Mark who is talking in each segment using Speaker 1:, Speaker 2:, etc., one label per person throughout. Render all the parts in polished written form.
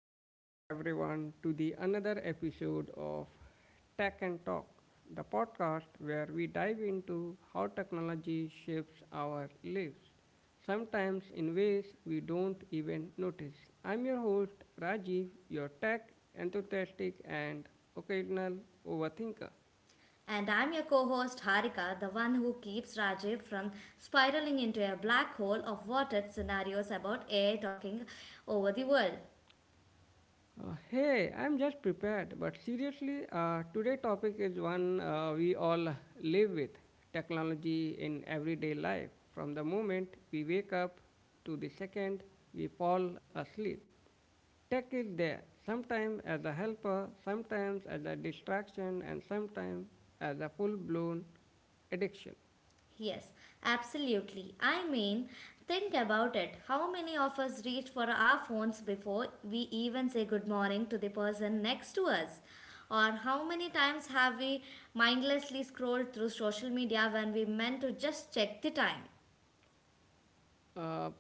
Speaker 1: Welcome back, everyone, to the another episode of Tech and Talk, the podcast where we dive into how technology shapes our lives, sometimes in ways we don't even notice. I'm your host, Rajiv, your tech enthusiastic and occasional overthinker.
Speaker 2: And I'm your co host Harika, the one who keeps Rajiv from spiraling into a black hole of what if scenarios about AI talking over the world.
Speaker 1: Hey, I'm just prepared, but seriously, today's topic is one we all live with technology in everyday life. From the moment we wake up to the second we fall asleep, tech is there, sometimes as a helper, sometimes as a distraction, and sometimes as a full blown addiction.
Speaker 2: Yes, absolutely. I mean, think about it. How many of us reach for our phones before we even say good morning to the person next to us? Or how many times have we mindlessly scrolled through social media when we meant to just check the time?
Speaker 1: Uh,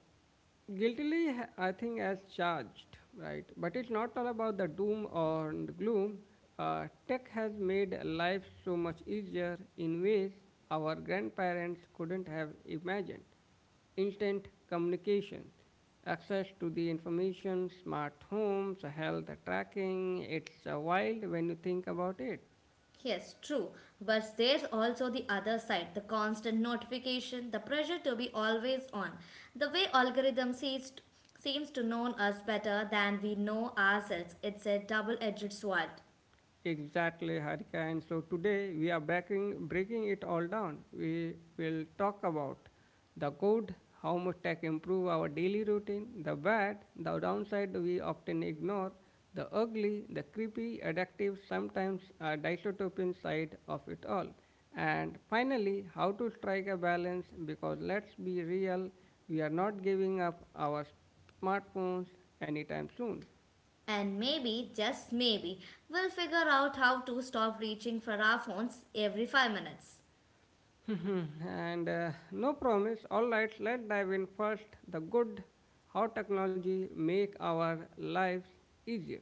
Speaker 1: Guiltily, I think, as charged, right? But it's not all about the doom or the gloom. Tech has made life so much easier in ways our grandparents couldn't have imagined. Instant communication, access to the information, smart homes, health tracking. It's wild when you think about it.
Speaker 2: Yes, true. But there's also the other side, the constant notification, the pressure to be always on. The way seems to know us better than we know ourselves, it's a double edged sword.
Speaker 1: Exactly, Harika. And so today we are breaking it all down. We will talk about the good, how much tech improve our daily routine, the bad, the downside we often ignore, the ugly, the creepy, addictive, sometimes dystopian side of it all. And finally, how to strike a balance because let's be real, we are not giving up our smartphones anytime soon.
Speaker 2: And maybe, just maybe, we'll figure out how to stop reaching for our phones every 5 minutes.
Speaker 1: And no promise. All right, let's dive in first. The good, how technology make our lives easier.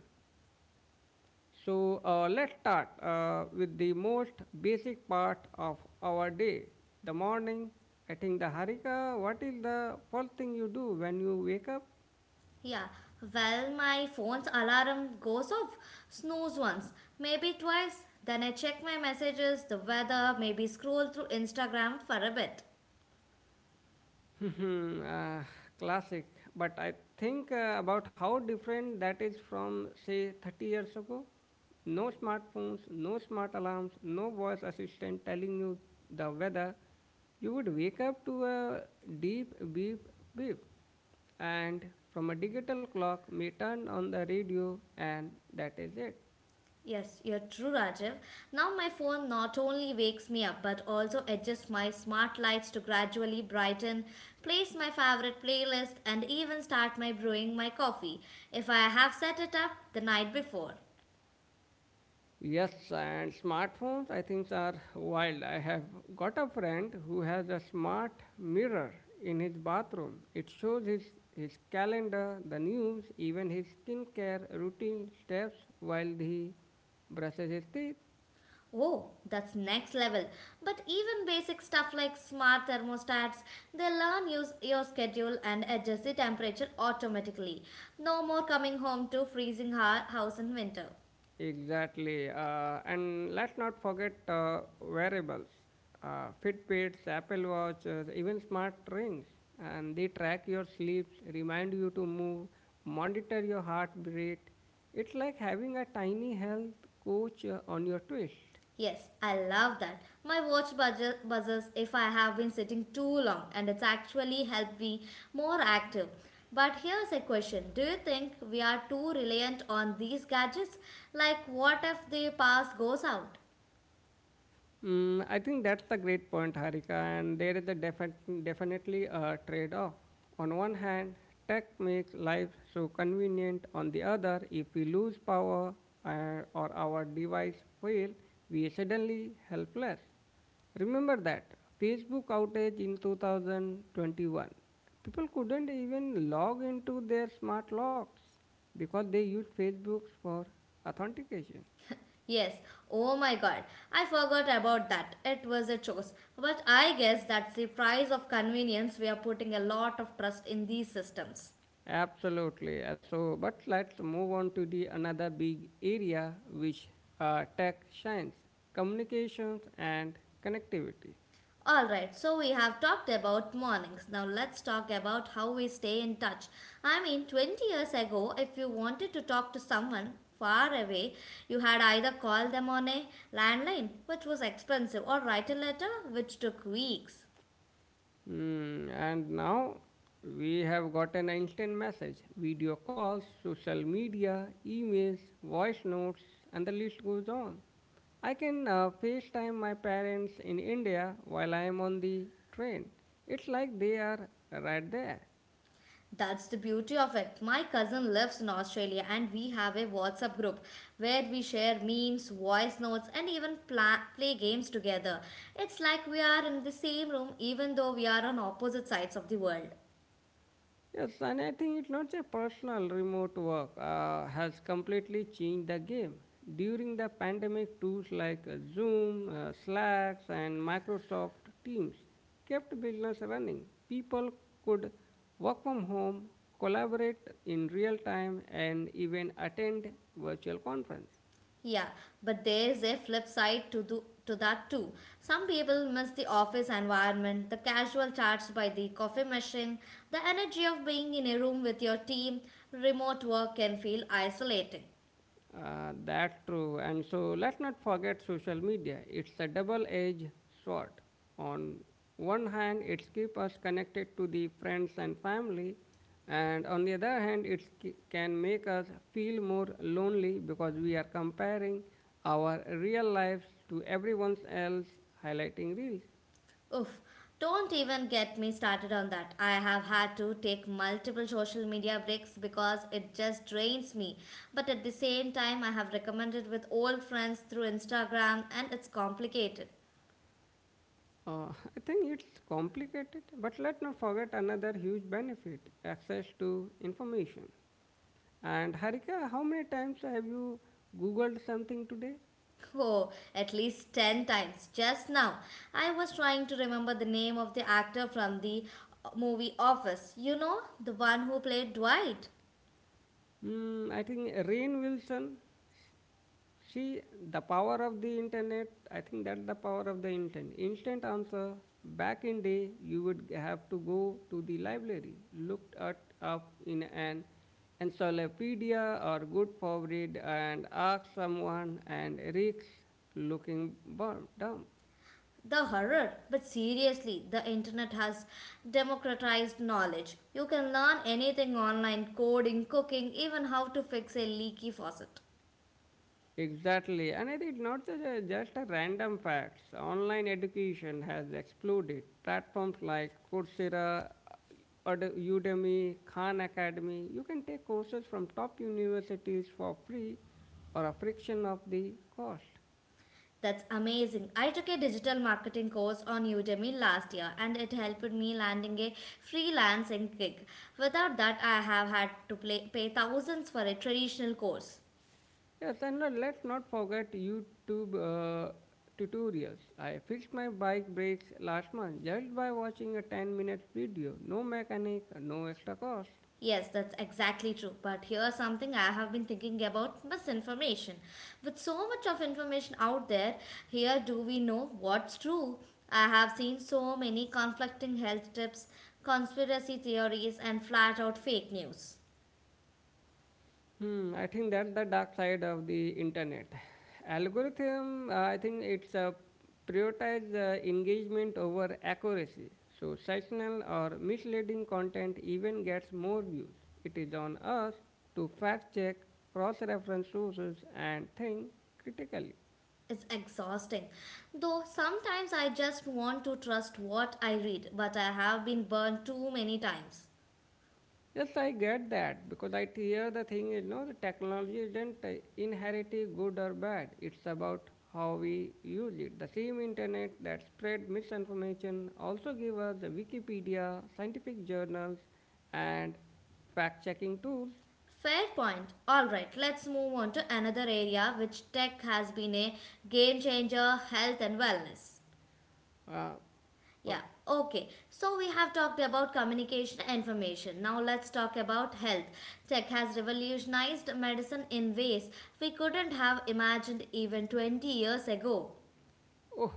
Speaker 1: So let's start with the most basic part of our day, the morning. I think the Harika. What is the first thing you do when you wake up?
Speaker 2: Yeah, well, my phone's alarm goes off, snooze once, maybe twice. Then I check my messages, the weather, maybe scroll through Instagram for a bit.
Speaker 1: uh, Classic. But I think about how different that is from, say, 30 years ago. No smartphones, no smart alarms, no voice assistant telling you the weather. You would wake up to a deep beep beep, and from a digital clock may turn on the radio, and that is it.
Speaker 2: Yes, you're true, Rajiv. Now my phone not only wakes me up but also adjusts my smart lights to gradually brighten, plays my favorite playlist, and even start my brewing my coffee if I have set it up the night before.
Speaker 1: Yes, and smartphones, I think, are wild. I have got a friend who has a smart mirror in his bathroom. It shows his calendar, the news, even his skincare routine steps while he brushes his teeth.
Speaker 2: Oh, that's next level. But even basic stuff like smart thermostats, they learn use your schedule and adjust the temperature automatically. No more coming home to freezing house in winter.
Speaker 1: Exactly. And let's not forget wearables Fitbits, Apple Watches, even smart rings. And they track your sleeps, remind you to move, monitor your heart rate. It's like having a tiny health coach on your twist.
Speaker 2: Yes, I love that. My buzzers if I have been sitting too long and it's actually helped me more active. But here's a question. Do you think we are too reliant on these gadgets? Like, what if the power goes out?
Speaker 1: Mm, I think that's the great point, Harika, and there is a definitely a trade off. On one hand, tech makes life so convenient, on the other, if we lose power or our device fail, we suddenly helpless. Remember that Facebook outage in 2021. People couldn't even log into their smart locks because they used Facebook for authentication.
Speaker 2: Yes, oh my god, I forgot about that. It was a choice. But I guess that's the price of convenience. We are putting a lot of trust in these systems.
Speaker 1: Absolutely. So, but let's move on to the another big area which tech shines: communications and connectivity.
Speaker 2: Alright, so we have talked about mornings. Now let's talk about how we stay in touch. I mean, 20 years ago, if you wanted to talk to someone far away, you had either call them on a landline, which was expensive, or write a letter, which took weeks.
Speaker 1: Hmm, and now we have got an instant message, video calls, social media, emails, voice notes, and the list goes on. I can FaceTime my parents in India while I am on the train. It's like they are right there.
Speaker 2: That's the beauty of it. My cousin lives in Australia and we have a WhatsApp group where we share memes, voice notes, and even play games together. It's like we are in the same room even though we are on opposite sides of the world.
Speaker 1: Yes, and I think it's not a personal remote work has completely changed the game. During the pandemic, tools like Zoom, Slacks, and Microsoft Teams kept business running. People could work from home, collaborate in real time, and even attend virtual conference.
Speaker 2: Yeah, but there's a flip side to that too. Some people miss the office environment, the casual chats by the coffee machine, the energy of being in a room with your team. Remote work can feel isolating.
Speaker 1: That true. And so let's not forget social media. It's a double-edged sword. On one hand, it keeps us connected to the friends and family, and on the other hand, it can make us feel more lonely because we are comparing our real lives to everyone else highlighting reels.
Speaker 2: Oof. Don't even get me started on that. I have had to take multiple social media breaks because it just drains me. But at the same time, I have recommended with old friends through Instagram and it's complicated.
Speaker 1: Uh, I think it's complicated, but let's not forget another huge benefit: access to information. And Harika, how many times have you googled something today?
Speaker 2: Oh, at least 10 times. Just now, I was trying to remember the name of the actor from the movie Office. You know, the one who played Dwight.
Speaker 1: Hmm, I think Rain Wilson. See the power of the internet. I think that's the power of the internet. Instant answer. Back in day, you would have to go to the library, looked it up in an encyclopedia or good for read, and ask someone, and risks looking dumb.
Speaker 2: The horror. But seriously, the internet has democratized knowledge. You can learn anything online, coding, cooking, even how to fix a leaky faucet.
Speaker 1: Exactly, and I think not just a random facts. Online education has exploded. Platforms like Coursera, Udemy, Khan Academy. You can take courses from top universities for free or a fraction of the cost.
Speaker 2: That's amazing. I took a digital marketing course on Udemy last year and it helped me landing a freelancing gig. Without that, I have had pay thousands for a traditional course.
Speaker 1: Yes, and let's not forget YouTube tutorials. I fixed my bike brakes last month just by watching a 10-minute video. No mechanic, no extra cost.
Speaker 2: Yes, that's exactly true. But here's something I have been thinking about, misinformation. With so much of information out there, here do we know what's true? I have seen so many conflicting health tips, conspiracy theories, and flat out fake news.
Speaker 1: Hmm, I think that's the dark side of the internet. Algorithm, I think it's prioritize engagement over accuracy. So sectional or misleading content even gets more views. It is on us to fact check, cross-reference sources, and think critically.
Speaker 2: It's exhausting. Though sometimes I just want to trust what I read, but I have been burned too many times.
Speaker 1: Yes, I get that because I hear the thing is no, the technology isn't inherently good or bad. It's about how we use it. The same internet that spread misinformation also give us the Wikipedia, scientific journals, and fact-checking tools.
Speaker 2: Fair point. Alright, let's move on to another area which tech has been a game changer, health and wellness.
Speaker 1: Uh, uh,
Speaker 2: Yeah, okay. So we have talked about communication and information. Now let's talk about health. Tech has revolutionized medicine in ways we couldn't have imagined even 20 years ago.
Speaker 1: Oh,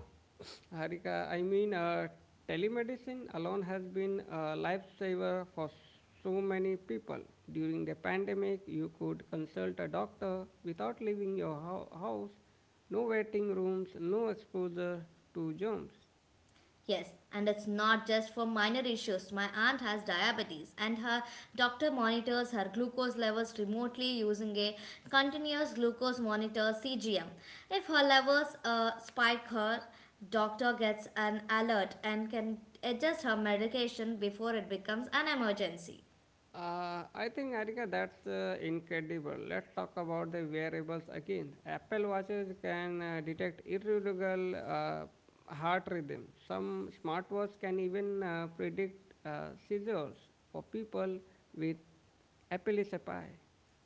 Speaker 1: Harika, I mean, telemedicine alone has been a lifesaver for so many people. During the pandemic, you could consult a doctor without leaving your house, no waiting rooms, no exposure to germs.
Speaker 2: Yes, and it's not just for minor issues. My aunt has diabetes, and her doctor monitors her glucose levels remotely using a continuous glucose monitor, CGM. If her levels spike, her doctor gets an alert and can adjust her medication before it becomes an emergency.
Speaker 1: I think Arika, that's incredible. Let's talk about the wearables again. Apple watches can detect irregular heart rhythm. Some smartwatches can even predict seizures for people with epilepsy.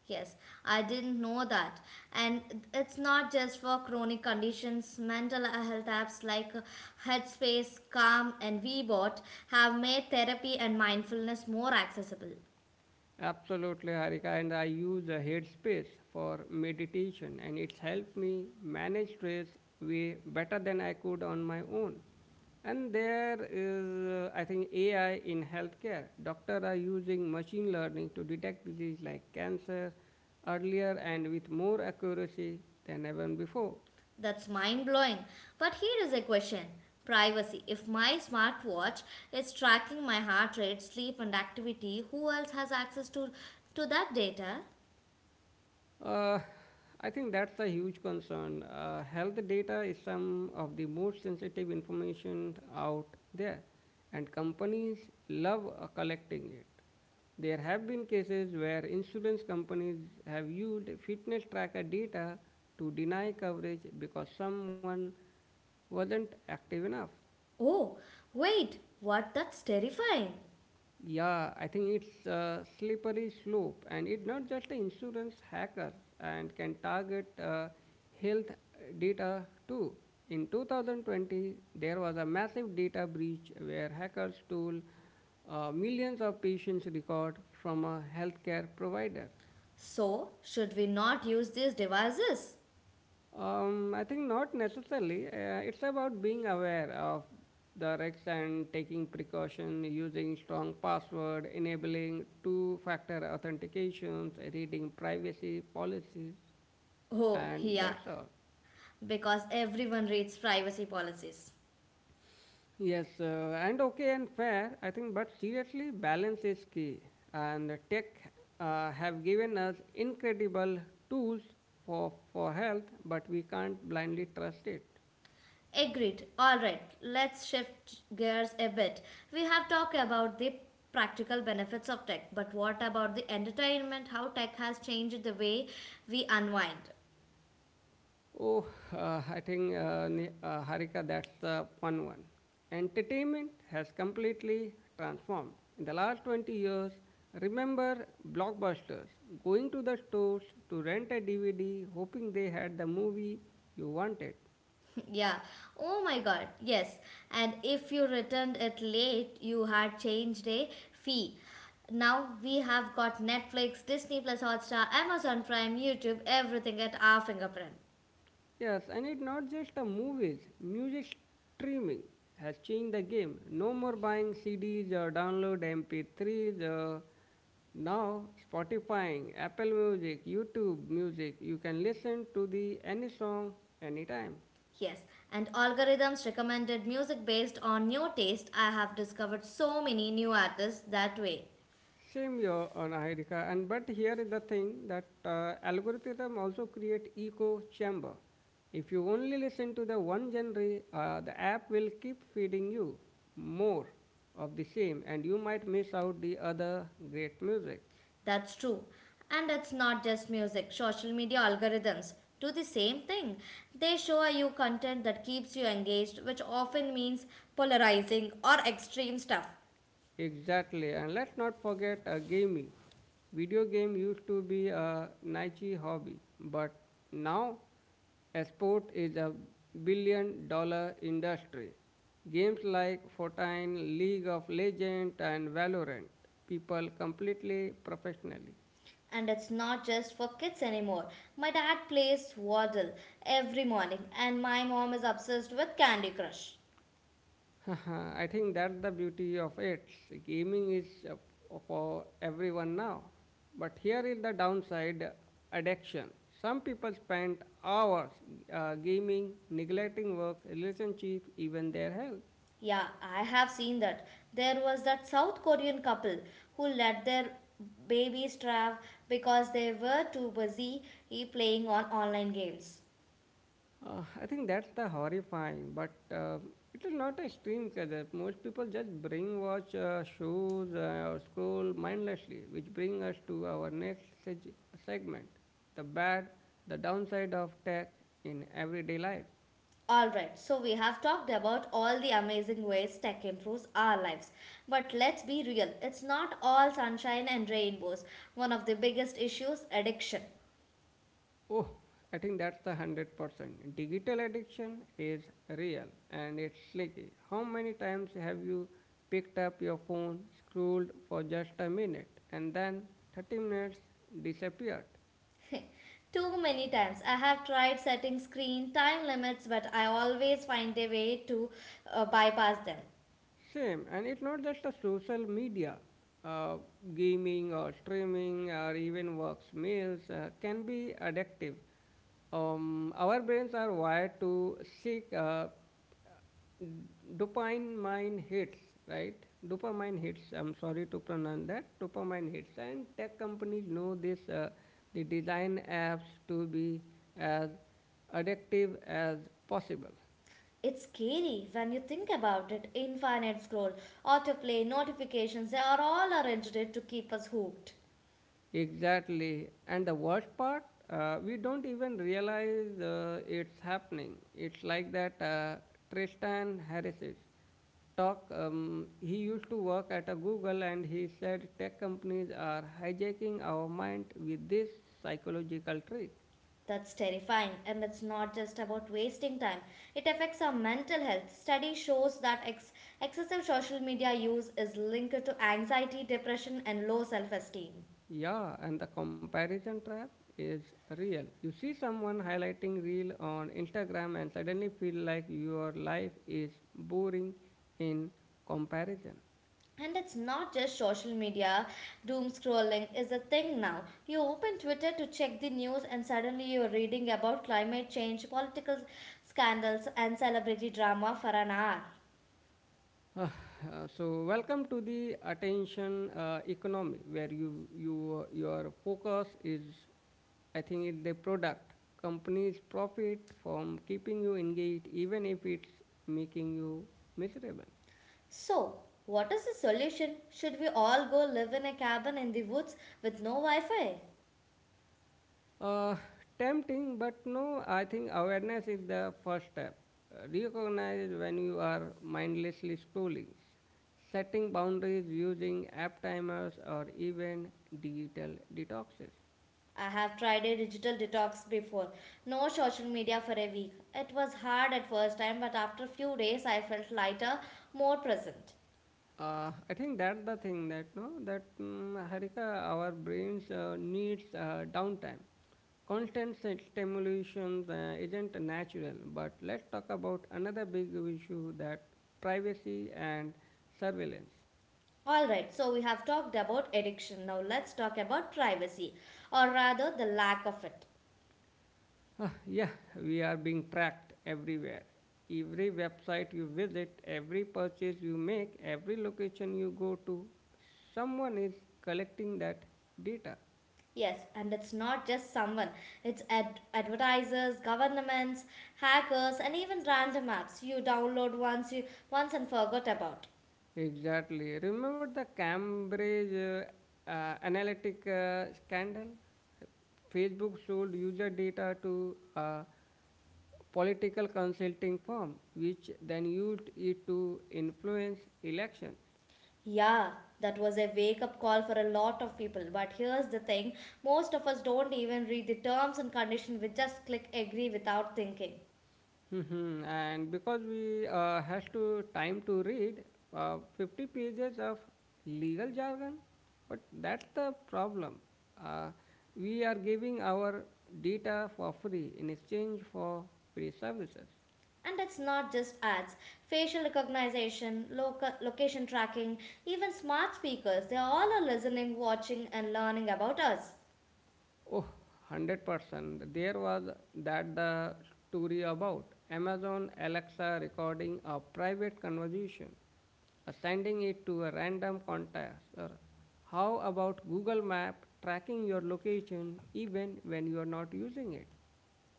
Speaker 2: Yes, I didn't know that. And it's not just for chronic conditions. Mental health apps like Headspace, Calm, and WeBot have made therapy and mindfulness more accessible.
Speaker 1: Absolutely, Harika, and I use a Headspace for meditation, and it's helped me manage stress way better than I could on my own. And there is, I think, AI in healthcare. Doctors are using machine learning to detect disease like cancer earlier and with more accuracy than ever before.
Speaker 2: That's mind blowing. But here is a question, privacy. If my smartwatch is tracking my heart rate, sleep, and activity, who else has access to that data?
Speaker 1: Uh, I think that's a huge concern. Health data is some of the most sensitive information out there, and companies love collecting it. There have been cases where insurance companies have used fitness tracker data to deny coverage because someone wasn't active enough.
Speaker 2: Oh, wait, what? That's terrifying.
Speaker 1: Yeah, I think it's a slippery slope, and it's not just the insurance hackers and can target health data too. In 2020, there was a massive data breach where hackers stole millions of patients' record from a healthcare provider.
Speaker 2: So, should we not use these devices?
Speaker 1: I think not necessarily. It's about being aware of the risks and taking precaution, using strong password, enabling two-factor authentications, reading privacy policies,
Speaker 2: Oh,
Speaker 1: and
Speaker 2: yeah,
Speaker 1: that's all.
Speaker 2: because everyone reads privacy policies.
Speaker 1: Yes, and okay and fair, I think, but seriously, balance is key. And tech have given us incredible tools for health, but we can't blindly trust it.
Speaker 2: Agreed. All right, let's shift gears a bit. We have talked about the practical benefits of tech, but what about the entertainment? How tech has changed the way we unwind?
Speaker 1: Oh, I think, Harika, that's the fun one. Entertainment has completely transformed. In the last 20 years, remember blockbusters, going to the stores to rent a DVD, hoping they had the movie you wanted.
Speaker 2: Yeah. Oh my god, yes. And if you returned it late, you had changed a fee. Now we have got Netflix, Disney Plus Hotstar, Amazon Prime, YouTube, everything at our fingerprint.
Speaker 1: Yes, and it's not just a movies. Music streaming has changed the game. No more buying CDs or download MP3s. Or now Spotify, Apple Music, YouTube Music. You can listen to the any song anytime.
Speaker 2: Yes, and algorithms recommended music based on new taste. I have discovered so many new artists that way.
Speaker 1: Same here on Ahirika, and but here is the thing that algorithm also create echo chamber. If you only listen to the one genre, the app will keep feeding you more of the same, and you might miss out the other great music.
Speaker 2: That's true. And it's not just music, social media algorithms do the same thing. They show you content that keeps you engaged, which often means polarizing or extreme stuff.
Speaker 1: Exactly, and let's not forget gaming. Video game used to be a niche hobby, but now a sport is a billion dollar industry. Games like Fortnite, League of Legends, and Valorant, people completely professionally.
Speaker 2: And it's not just for kids anymore. My dad plays Waddle every morning, and my mom is obsessed with Candy Crush.
Speaker 1: I think that's the beauty of it. Gaming is for everyone now. But here is the downside addiction. Some people spend hours gaming, neglecting work, relationship, even their health.
Speaker 2: Yeah, I have seen that. There was that South Korean couple who let their babies starve because they were too busy playing on online games.
Speaker 1: I think that's the horrifying, but it is not a stream culture. Most people just bring watch shoes or scroll mindlessly, which bring us to our next segment: the bad, the downside of tech in everyday life.
Speaker 2: Alright, so we have talked about all the amazing ways tech improves our lives. But let's be real, it's not all sunshine and rainbows. One of the biggest issues, addiction.
Speaker 1: Oh, I think that's the 100%. Digital addiction is real and it's sneaky. How many times have you picked up your phone, scrolled for just a minute, and then 30 minutes disappeared?
Speaker 2: Too many times. I have tried setting screen time limits, but I always find a way to bypass them.
Speaker 1: Same, and it's not just a social media. Uh, Gaming or streaming or even works meals can be addictive. Our brains are wired to seek dopamine hits, right? Dopamine hits. I'm sorry to pronounce that. Dopamine hits, and tech companies know this. They design apps to be as addictive as possible.
Speaker 2: It's scary when you think about it. Infinite scroll, autoplay, notifications, they are all arranged to keep us hooked.
Speaker 1: Exactly. And the worst part, we don't even realize it's happening. It's like that Tristan Harris's talk. He used to work at a Google and he said tech companies are hijacking our mind with this psychological trick.
Speaker 2: That's terrifying, and it's not just about wasting time. It affects our mental health. Study shows that excessive social media use is linked to anxiety, depression, and low self esteem.
Speaker 1: Yeah, and the comparison trap is real. You see someone highlighting reel on Instagram and suddenly feel like your life is boring in comparison.
Speaker 2: And it's not just social media. Doom scrolling is a thing now. You open Twitter to check the news, and suddenly you're reading about climate change, political scandals, and celebrity drama for an hour.
Speaker 1: Uh, so welcome to the attention economy where your focus is I think is the product. Companies profit from keeping you engaged even if it's making you miserable.
Speaker 2: So, what is the solution? Should we all go live in a cabin in the woods with no Wi Fi?
Speaker 1: uh, Tempting, but no, I think awareness is the first step. Recognize when you are mindlessly scrolling, setting boundaries, using app timers, or even digital detoxes.
Speaker 2: I have tried a digital detox before. No social media for a week. It was hard at first time, but after few days I felt lighter, more present.
Speaker 1: I think that's the thing that no, that Harika, our brains needs downtime. Constant stimulation isn't natural. But let's talk about another big issue, that privacy and surveillance.
Speaker 2: All right, so we have talked about addiction. Now let's talk about privacy, or rather, the lack of it.
Speaker 1: Huh, yeah, we are being tracked everywhere. Every website you visit, every purchase you make, every location you go to, someone is collecting that data.
Speaker 2: Yes, and it's not just someone, it's advertisers, governments, hackers, and even random apps you download once and forgot about.
Speaker 1: Exactly. Remember the Cambridge Analytica scandal? Facebook sold user data to a political consulting firm, which then used it to influence elections.
Speaker 2: Yeah, that was a wake up call for a lot of people. But here's the thing, most of us don't even read the terms and conditions, we just click agree without thinking.
Speaker 1: Mhm. And because we has to time to read 50 pages of legal jargon. But that's the problem, uh, we are giving our data for free in exchange for free services.
Speaker 2: And it's not just ads, facial recognition, location tracking, even smart speakers, they all are listening, watching, and learning about us.
Speaker 1: Oh, 100%. There was that, the story about Amazon Alexa recording a private conversation, sending it to a random contact. Or how about Google Map tracking your location even when you are not using it?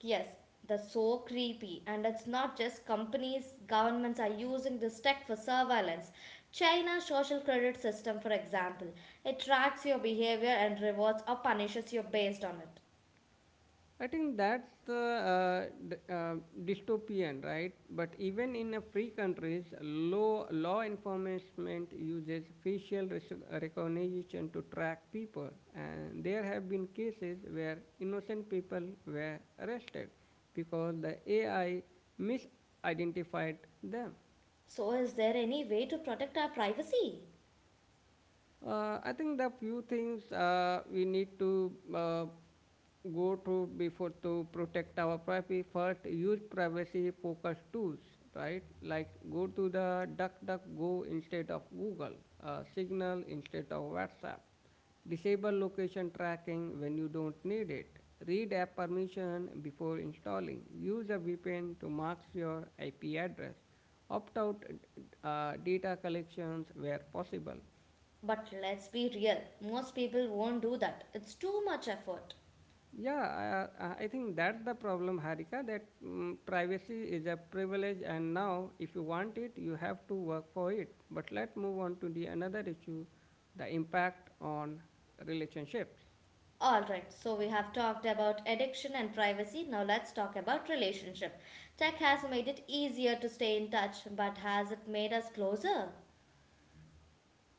Speaker 2: Yes, that's so creepy. And it's not just companies, governments are using this tech for surveillance. China's social credit system, for example, it tracks your behavior and rewards or punishes you based on it.
Speaker 1: I think that's the dystopian, right? But even in a free countries, law enforcement uses facial recognition to track people, and there have been cases where innocent people were arrested because the AI misidentified them.
Speaker 2: So, is there any way to protect our privacy?
Speaker 1: I think the few things we need to go to before to protect our privacy. First, use privacy focused tools, right? Like go to the DuckDuckGo instead of Google, Signal instead of WhatsApp. Disable location tracking when you don't need it. Read app permission before installing. Use a VPN to mask your IP address. Opt out data collections where possible.
Speaker 2: But let's be real, most people won't do that. It's too much effort.
Speaker 1: Yeah, I think that's the problem, Harika, that privacy is a privilege, and now if you want it, you have to work for it. But let's move on to the another issue, the impact on relationships.
Speaker 2: All right, so we have talked about addiction and privacy. Now let's talk about relationship. Tech has made it easier to stay in touch, but has it made us closer?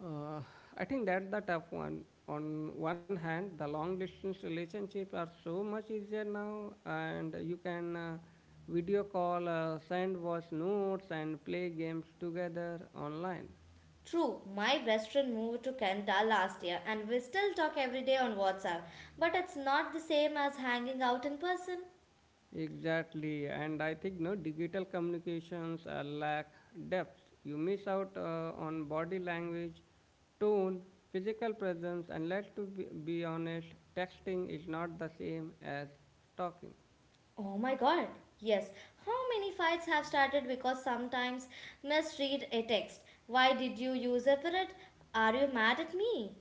Speaker 1: Uh, I think that's the tough one. On one hand, the long distance relationships are so much easier now, and you can video call, send voice notes, and play games together online.
Speaker 2: True, my best friend moved to Canada last year and we still talk every day on WhatsApp, but it's not the same as hanging out in person.
Speaker 1: Exactly, and I think no, digital communications lack depth. You miss out on body language, tone, physical presence, and let's to be honest, texting is not the same as talking.
Speaker 2: Oh my god, yes. How many fights have started because sometimes misread a text? Why did you use a period? Are you mad at me?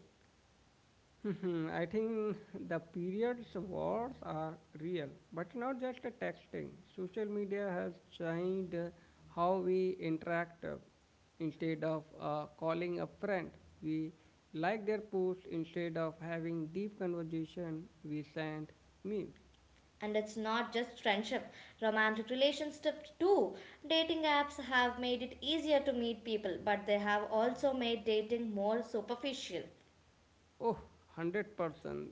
Speaker 1: Hmm, I think the periods wars are real, but not just a texting. Social media has changed how we interact. Instead of calling a friend, we like their post. Instead of having deep conversation, we send memes.
Speaker 2: And it's not just friendship, romantic relationships too. Dating apps have made it easier to meet people, but they have also made dating more superficial.
Speaker 1: Oh, 100%.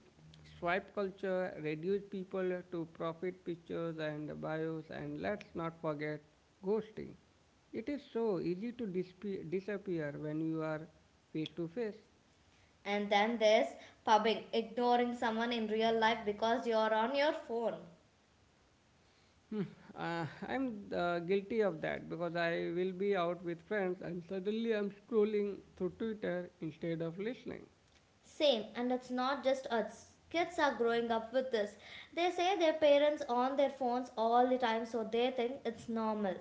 Speaker 1: Swipe culture reduced people to profit pictures and bios, and let's not forget ghosting. It is so easy to disappear when you are face to face.
Speaker 2: And then there's pubbing, ignoring someone in real life because you're on your phone.
Speaker 1: Hmm, I'm guilty of that because I will be out with friends and suddenly I'm scrolling through Twitter instead of listening.
Speaker 2: Same, and it's not just us. Kids are growing up with this. They say their parents on their phones all the time, so they think it's normal.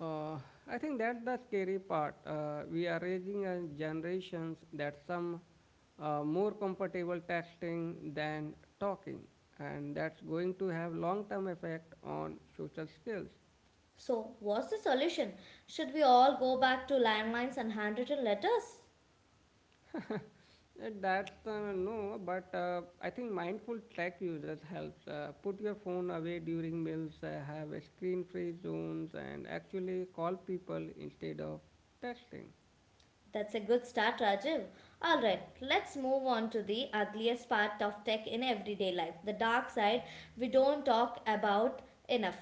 Speaker 1: Uh, I think that's the scary part. We are raising a generations that some are more comfortable texting than talking, and that's going to have long-term effect on social skills.
Speaker 2: So, what's the solution? Should we all go back to landlines and handwritten letters?
Speaker 1: that's No, but I think mindful tech users helps. Put your phone away during meals, have a screen-free zones, and actually call people instead of texting.
Speaker 2: That's a good start, Rajiv. All right, let's move on to the ugliest part of tech in everyday life, the dark side we don't talk about enough.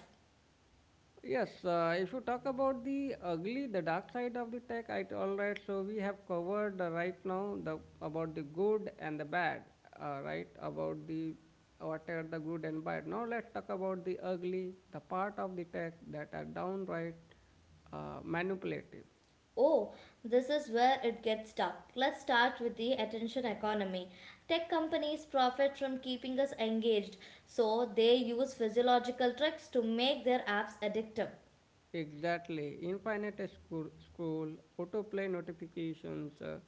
Speaker 1: Yes, if you talk about the ugly, the dark side of the tech, all right. So we have covered right now the about the good and the bad, right? About the what are the good and bad. Now let's talk about the ugly, the part of the tech that are downright manipulative.
Speaker 2: Oh, this is where it gets dark. Let's start with the attention economy. Tech companies profit from keeping us engaged, so they use physiological tricks to make their apps addictive.
Speaker 1: Exactly. Infinite scroll, autoplay notifications,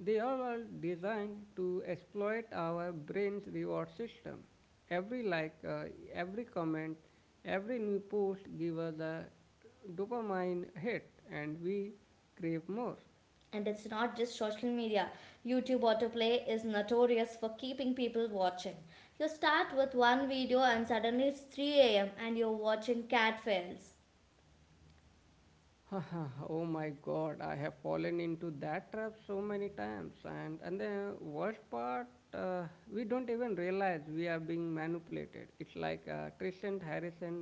Speaker 1: they are all designed to exploit our brain's reward system. Every like, every comment, every new post give us a dopamine hit and we crave more.
Speaker 2: And it's not just social media. YouTube autoplay is notorious for keeping people watching. You start with one video and suddenly it's 3 a.m. and you're watching cat fails.
Speaker 1: Oh my god, I have fallen into that trap so many times. And the worst part, uh, we don't even realize we are being manipulated. It's like Tristan Harrison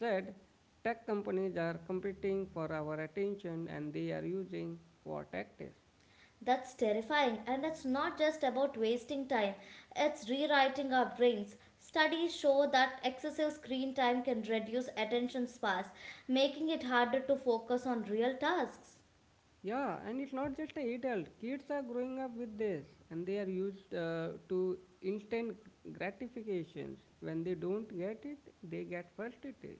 Speaker 1: said, tech companies are competing for our attention and they are using war tactics.
Speaker 2: That's terrifying, and it's not just about wasting time, it's rewriting our brains. Studies show that excessive screen time can reduce attention spans, making it harder to focus on real tasks.
Speaker 1: Yeah, and it's not just the adult. Kids are growing up with this, and they are used to instant gratifications. When they don't get it, they get frustrated.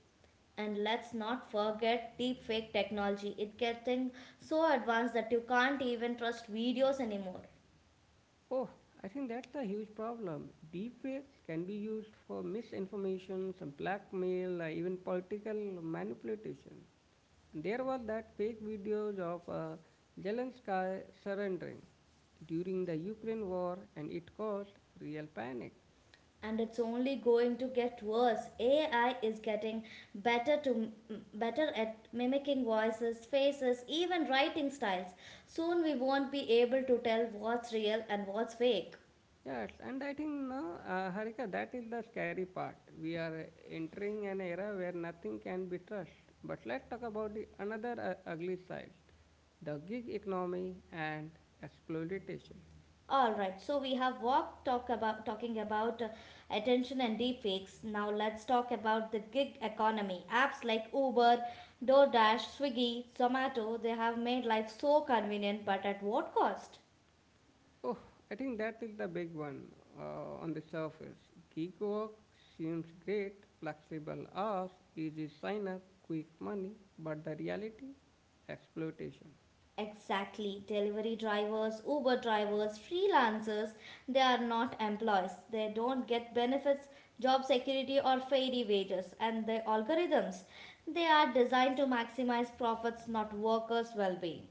Speaker 2: And let's not forget deepfake technology. It's getting so advanced that you can't even trust videos anymore.
Speaker 1: Oh, I think that's a huge problem. Deepfakes can be used for misinformation, some blackmail, even political manipulation. And there was that fake videos of Zelensky surrendering during the Ukraine war, and it caused real panic.
Speaker 2: And it's only going to get worse. AI is getting better to better at mimicking voices, faces, even writing styles. Soon we won't be able to tell what's real and what's fake.
Speaker 1: Yes, and I think no, Harika, that is the scary part. We are entering an era where nothing can be trusted. But let's talk about the another ugly side, the gig economy and exploitation.
Speaker 2: All right, so we have walked talk about talking about attention and deepfakes. Now let's talk about the gig economy. Apps like Uber, DoorDash, Swiggy, Zomato, they have made life so convenient, but at what cost?
Speaker 1: Oh, I think that is the big one, on the surface. Gig work seems great, flexible hours, easy sign up, quick money, but the reality, exploitation.
Speaker 2: Exactly. Delivery drivers, Uber drivers, freelancers, they are not employees. They don't get benefits, job security or fairy wages and the algorithms. They are designed to maximize profits, not workers' well-being.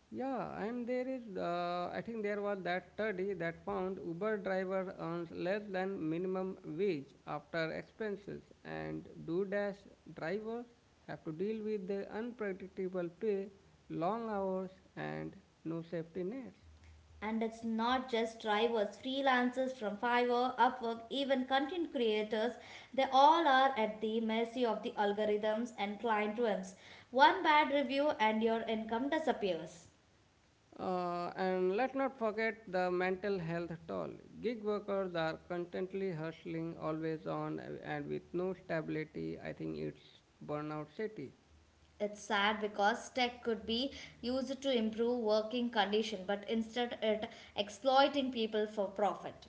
Speaker 1: Yeah, and there is, I think there was that study that found Uber driver earns less than minimum wage after expenses, and DoDash drivers have to deal with the unpredictable pay, long hours, and no safety nets.
Speaker 2: And it's not just drivers, freelancers from Fiverr, Upwork, even content creators, they all are at the mercy of the algorithms and client whims. One bad review and your income disappears.
Speaker 1: And let's not forget the mental health toll. Gig workers are constantly hustling, always on, and with no stability. I think it's burnout city.
Speaker 2: It's sad because tech could be used to improve working condition, but instead it exploiting people for profit.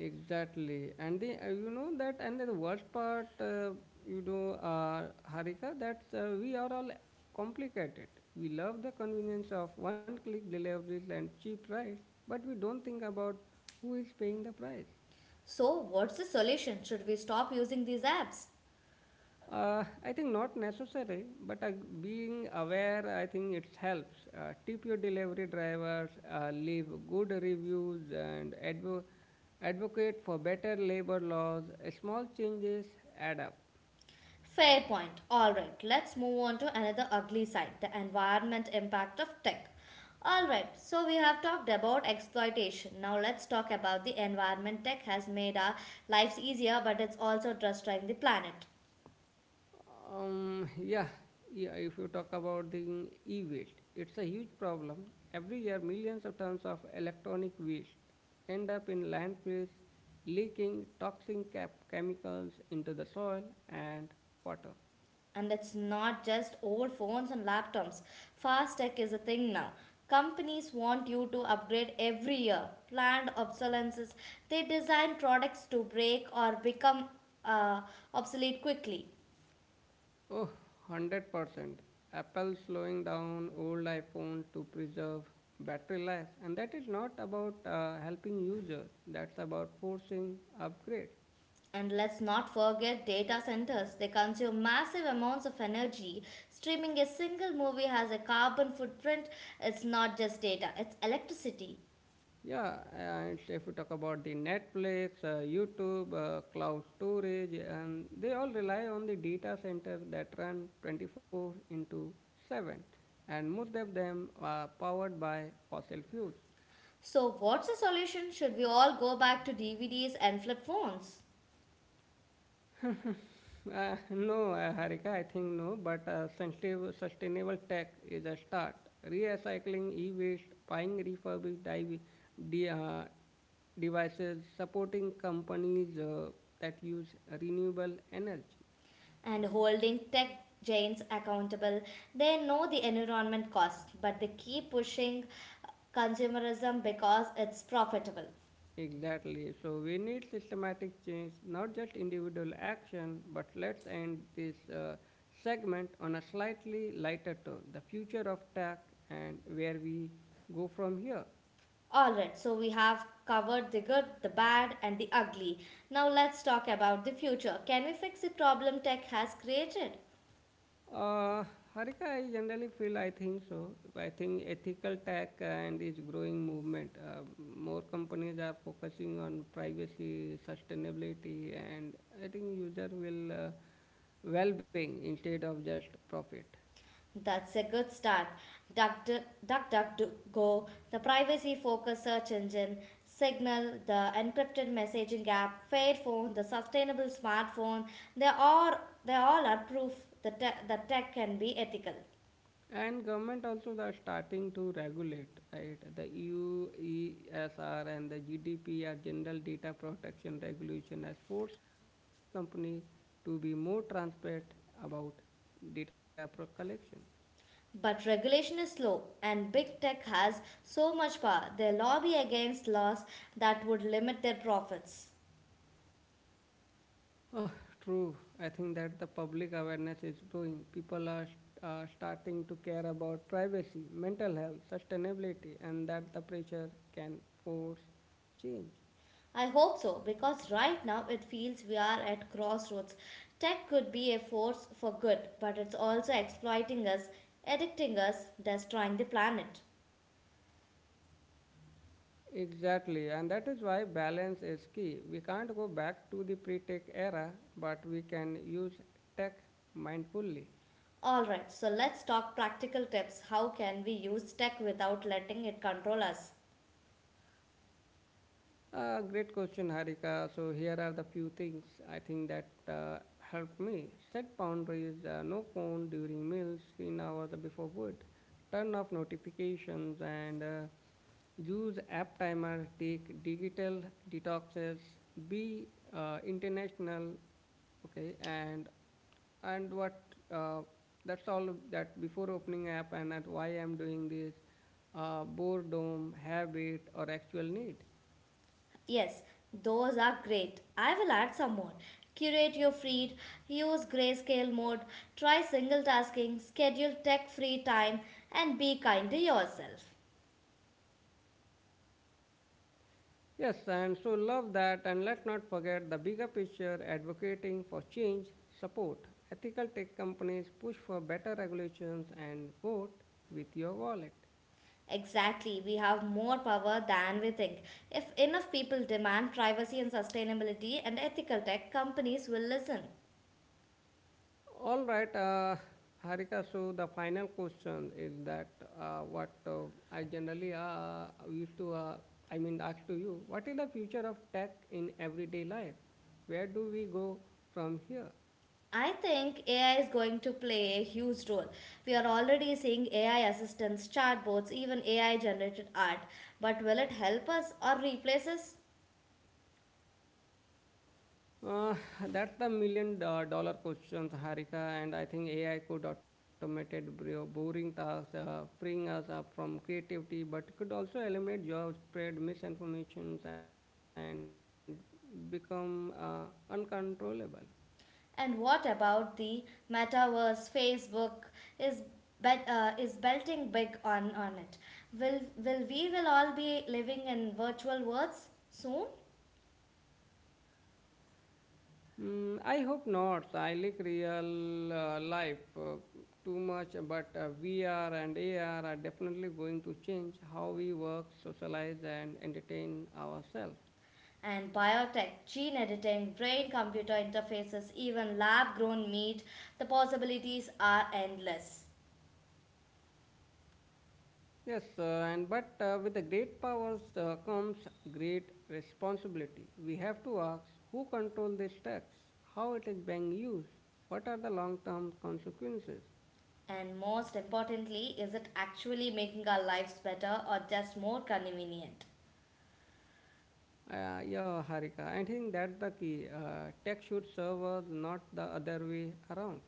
Speaker 1: Exactly, and the and the worst part, Harika, that we are all complicated. We love the convenience of one-click deliveries and cheap price, but we don't think about who is paying the price.
Speaker 2: So what's the solution? Should we stop using these apps?
Speaker 1: I think not necessary, but being aware, I think it helps. Tip your delivery drivers, leave good reviews, and advocate for better labor laws. Small changes add up.
Speaker 2: Fair point. Alright, let's move on to another ugly side the environment impact of tech. Alright, so we have talked about exploitation. Now let's talk about the environment. Tech has made our lives easier, but it's also destroying the planet.
Speaker 1: Um, yeah, yeah. If you talk about the e-waste, it's a huge problem. Every year, millions of tons of electronic waste end up in landfills, leaking toxic chemicals into the soil and water.
Speaker 2: And it's not just old phones and laptops. Fast tech is a thing now. Companies want you to upgrade every year. Planned obsolescences. They design products to break or become uh, obsolete quickly.
Speaker 1: Oh, 100%. Apple slowing down old iPhone to preserve battery life, and that is not about helping users. That's about forcing upgrades.
Speaker 2: And let's not forget data centers. They consume massive amounts of energy. Streaming a single movie has a carbon footprint. It's not just data, it's electricity.
Speaker 1: Yeah, and if you talk about the Netflix, YouTube, cloud storage, and they all rely on the data centers that run 24 into 7, and most of them are powered by fossil fuels.
Speaker 2: So, what's the solution? Should we all go back to DVDs and flip phones?
Speaker 1: No, Harika, I think no, but sustainable tech is a start. Recycling e-waste, buying refurbished de- uh, devices, supporting companies that use renewable energy.
Speaker 2: And holding tech giants accountable. They know the environment costs, but they keep pushing consumerism because it's profitable.
Speaker 1: Exactly. So we need systematic change, not just individual action. But let's end this segment on a slightly lighter tone, the future of tech and where we go from here.
Speaker 2: Alright, so we have covered the good, the bad, and the ugly. Now let's talk about the future. Can we fix the problem tech has created?
Speaker 1: Uh, Harika, I generally feel I think so. I think ethical tech and its growing movement. More companies are focusing on privacy, sustainability, and I think user will well-being instead of just profit.
Speaker 2: That's a good start. Duck, duck, duck, go, the privacy focused search engine, Signal, the encrypted messaging app, Fairphone, the sustainable smartphone, they all. they all are proof that tech can be ethical.
Speaker 1: And government also they are starting to regulate, right? The EU ESR and the GDPR General Data Protection Regulation has forced company to be more transparent about data collection.
Speaker 2: But regulation is slow, and big tech has so much power, they lobby against laws that would limit their profits.
Speaker 1: Ah, true. I think that the public awareness is growing. People are starting to care about privacy, mental health, sustainability, and that the pressure can force change.
Speaker 2: I hope so, because right now it feels we are at crossroads. Tech could be a force for good, but it's also exploiting us, addicting us, destroying the planet.
Speaker 1: Exactly, and that is why balance is key. We can't go back to the pre tech era, but we can use tech mindfully.
Speaker 2: Alright, so let's talk practical tips. How can we use tech without letting it control us?
Speaker 1: Great question, Harika. So here are the few things I think that help me. Set boundaries, no phone during meals, screen hours before food, turn off notifications, and use app timer, take digital detoxes, be international, okay, and what uh, that's all that before opening app and at why I'm doing this, boredom, habit, or actual need.
Speaker 2: Yes, those are great. I will add some more. Curate your feed, use grayscale mode, try single tasking, schedule tech free time, and be kind to yourself.
Speaker 1: Yes, and so love that, and let's not forget the bigger picture advocating for change, support ethical tech companies, push for better regulations, and vote with your wallet.
Speaker 2: Exactly, we have more power than we think. If enough people demand privacy and sustainability and ethical tech, companies will listen.
Speaker 1: All right, Harika, so the final question is that what I generally used to, I mean, ask to you, what is the future of tech in everyday life? Where do we go from here?
Speaker 2: I think AI is going to play a huge role. We are already seeing AI assistants, chatbots, even AI generated art. But will it help us or replace us?
Speaker 1: Uh, that's the million dollar question, Harika, and I think AI could automate boring tasks, freeing us up from creativity, but could also eliminate jobs, spread misinformation, and become uncontrollable.
Speaker 2: And what about the metaverse? Facebook is is belting big on it. Will we will all be living in virtual worlds soon?
Speaker 1: Mm, I hope not. I like real life too much, but VR and AR are definitely going to change how we work, socialize, and entertain ourselves.
Speaker 2: And biotech, gene editing, brain computer interfaces, even lab grown meat, the possibilities are endless.
Speaker 1: Yes, and but with the great powers comes great responsibility. We have to ask who control this tax, how it is being used, what are the long-term consequences.
Speaker 2: And most importantly, is it actually making our lives better or just more convenient?
Speaker 1: Yeah, Harika, I think that's the key. Tax should serve us, not the other way around.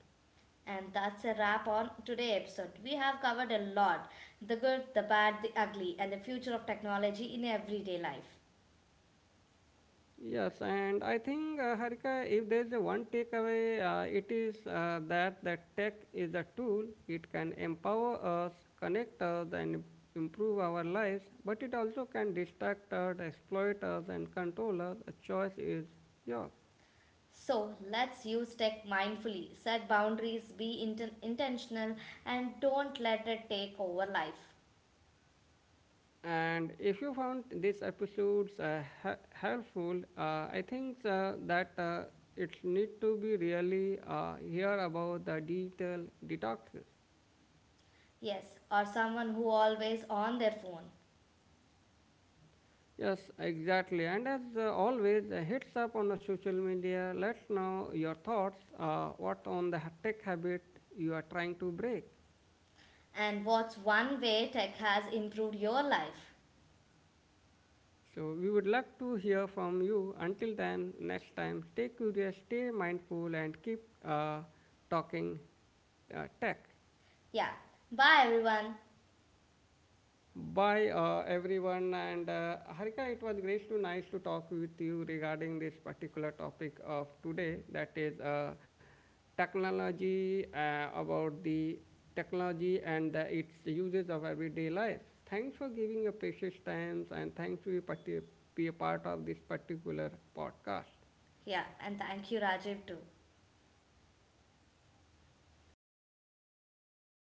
Speaker 2: And that's a wrap on today's episode. We have covered a lot the good, the bad, the ugly, and the future of technology in everyday life.
Speaker 1: Yes, and I think, Harika, if there's a one takeaway, it is that the tech is a tool. It can empower us, connect us, and improve our lives, but it also can distract us, exploit us, and control us. A choice is yours.
Speaker 2: So let's use tech mindfully, set boundaries, be intentional, and don't let it take over life.
Speaker 1: And if you found this episodes helpful, I think that it need to be really hear about the digital detoxes.
Speaker 2: Yes, or someone who always on their phone.
Speaker 1: Yes, exactly. And as always, hits up on the social media. Let's know your thoughts. What on the tech habit you are trying to break?
Speaker 2: And what's one way tech has improved your life?
Speaker 1: So we would like to hear from you. Until then, next time, stay curious, stay mindful, and keep talking tech.
Speaker 2: Yeah. Bye everyone.
Speaker 1: Bye, everyone. And Harika, it was great to nice to talk with you regarding this particular topic of today. That is technology, uh, about the technology and the, its uses of everyday life. Thanks for giving your precious times and thanks to be a part of this particular podcast.
Speaker 2: Yeah, and thank you Rajiv too.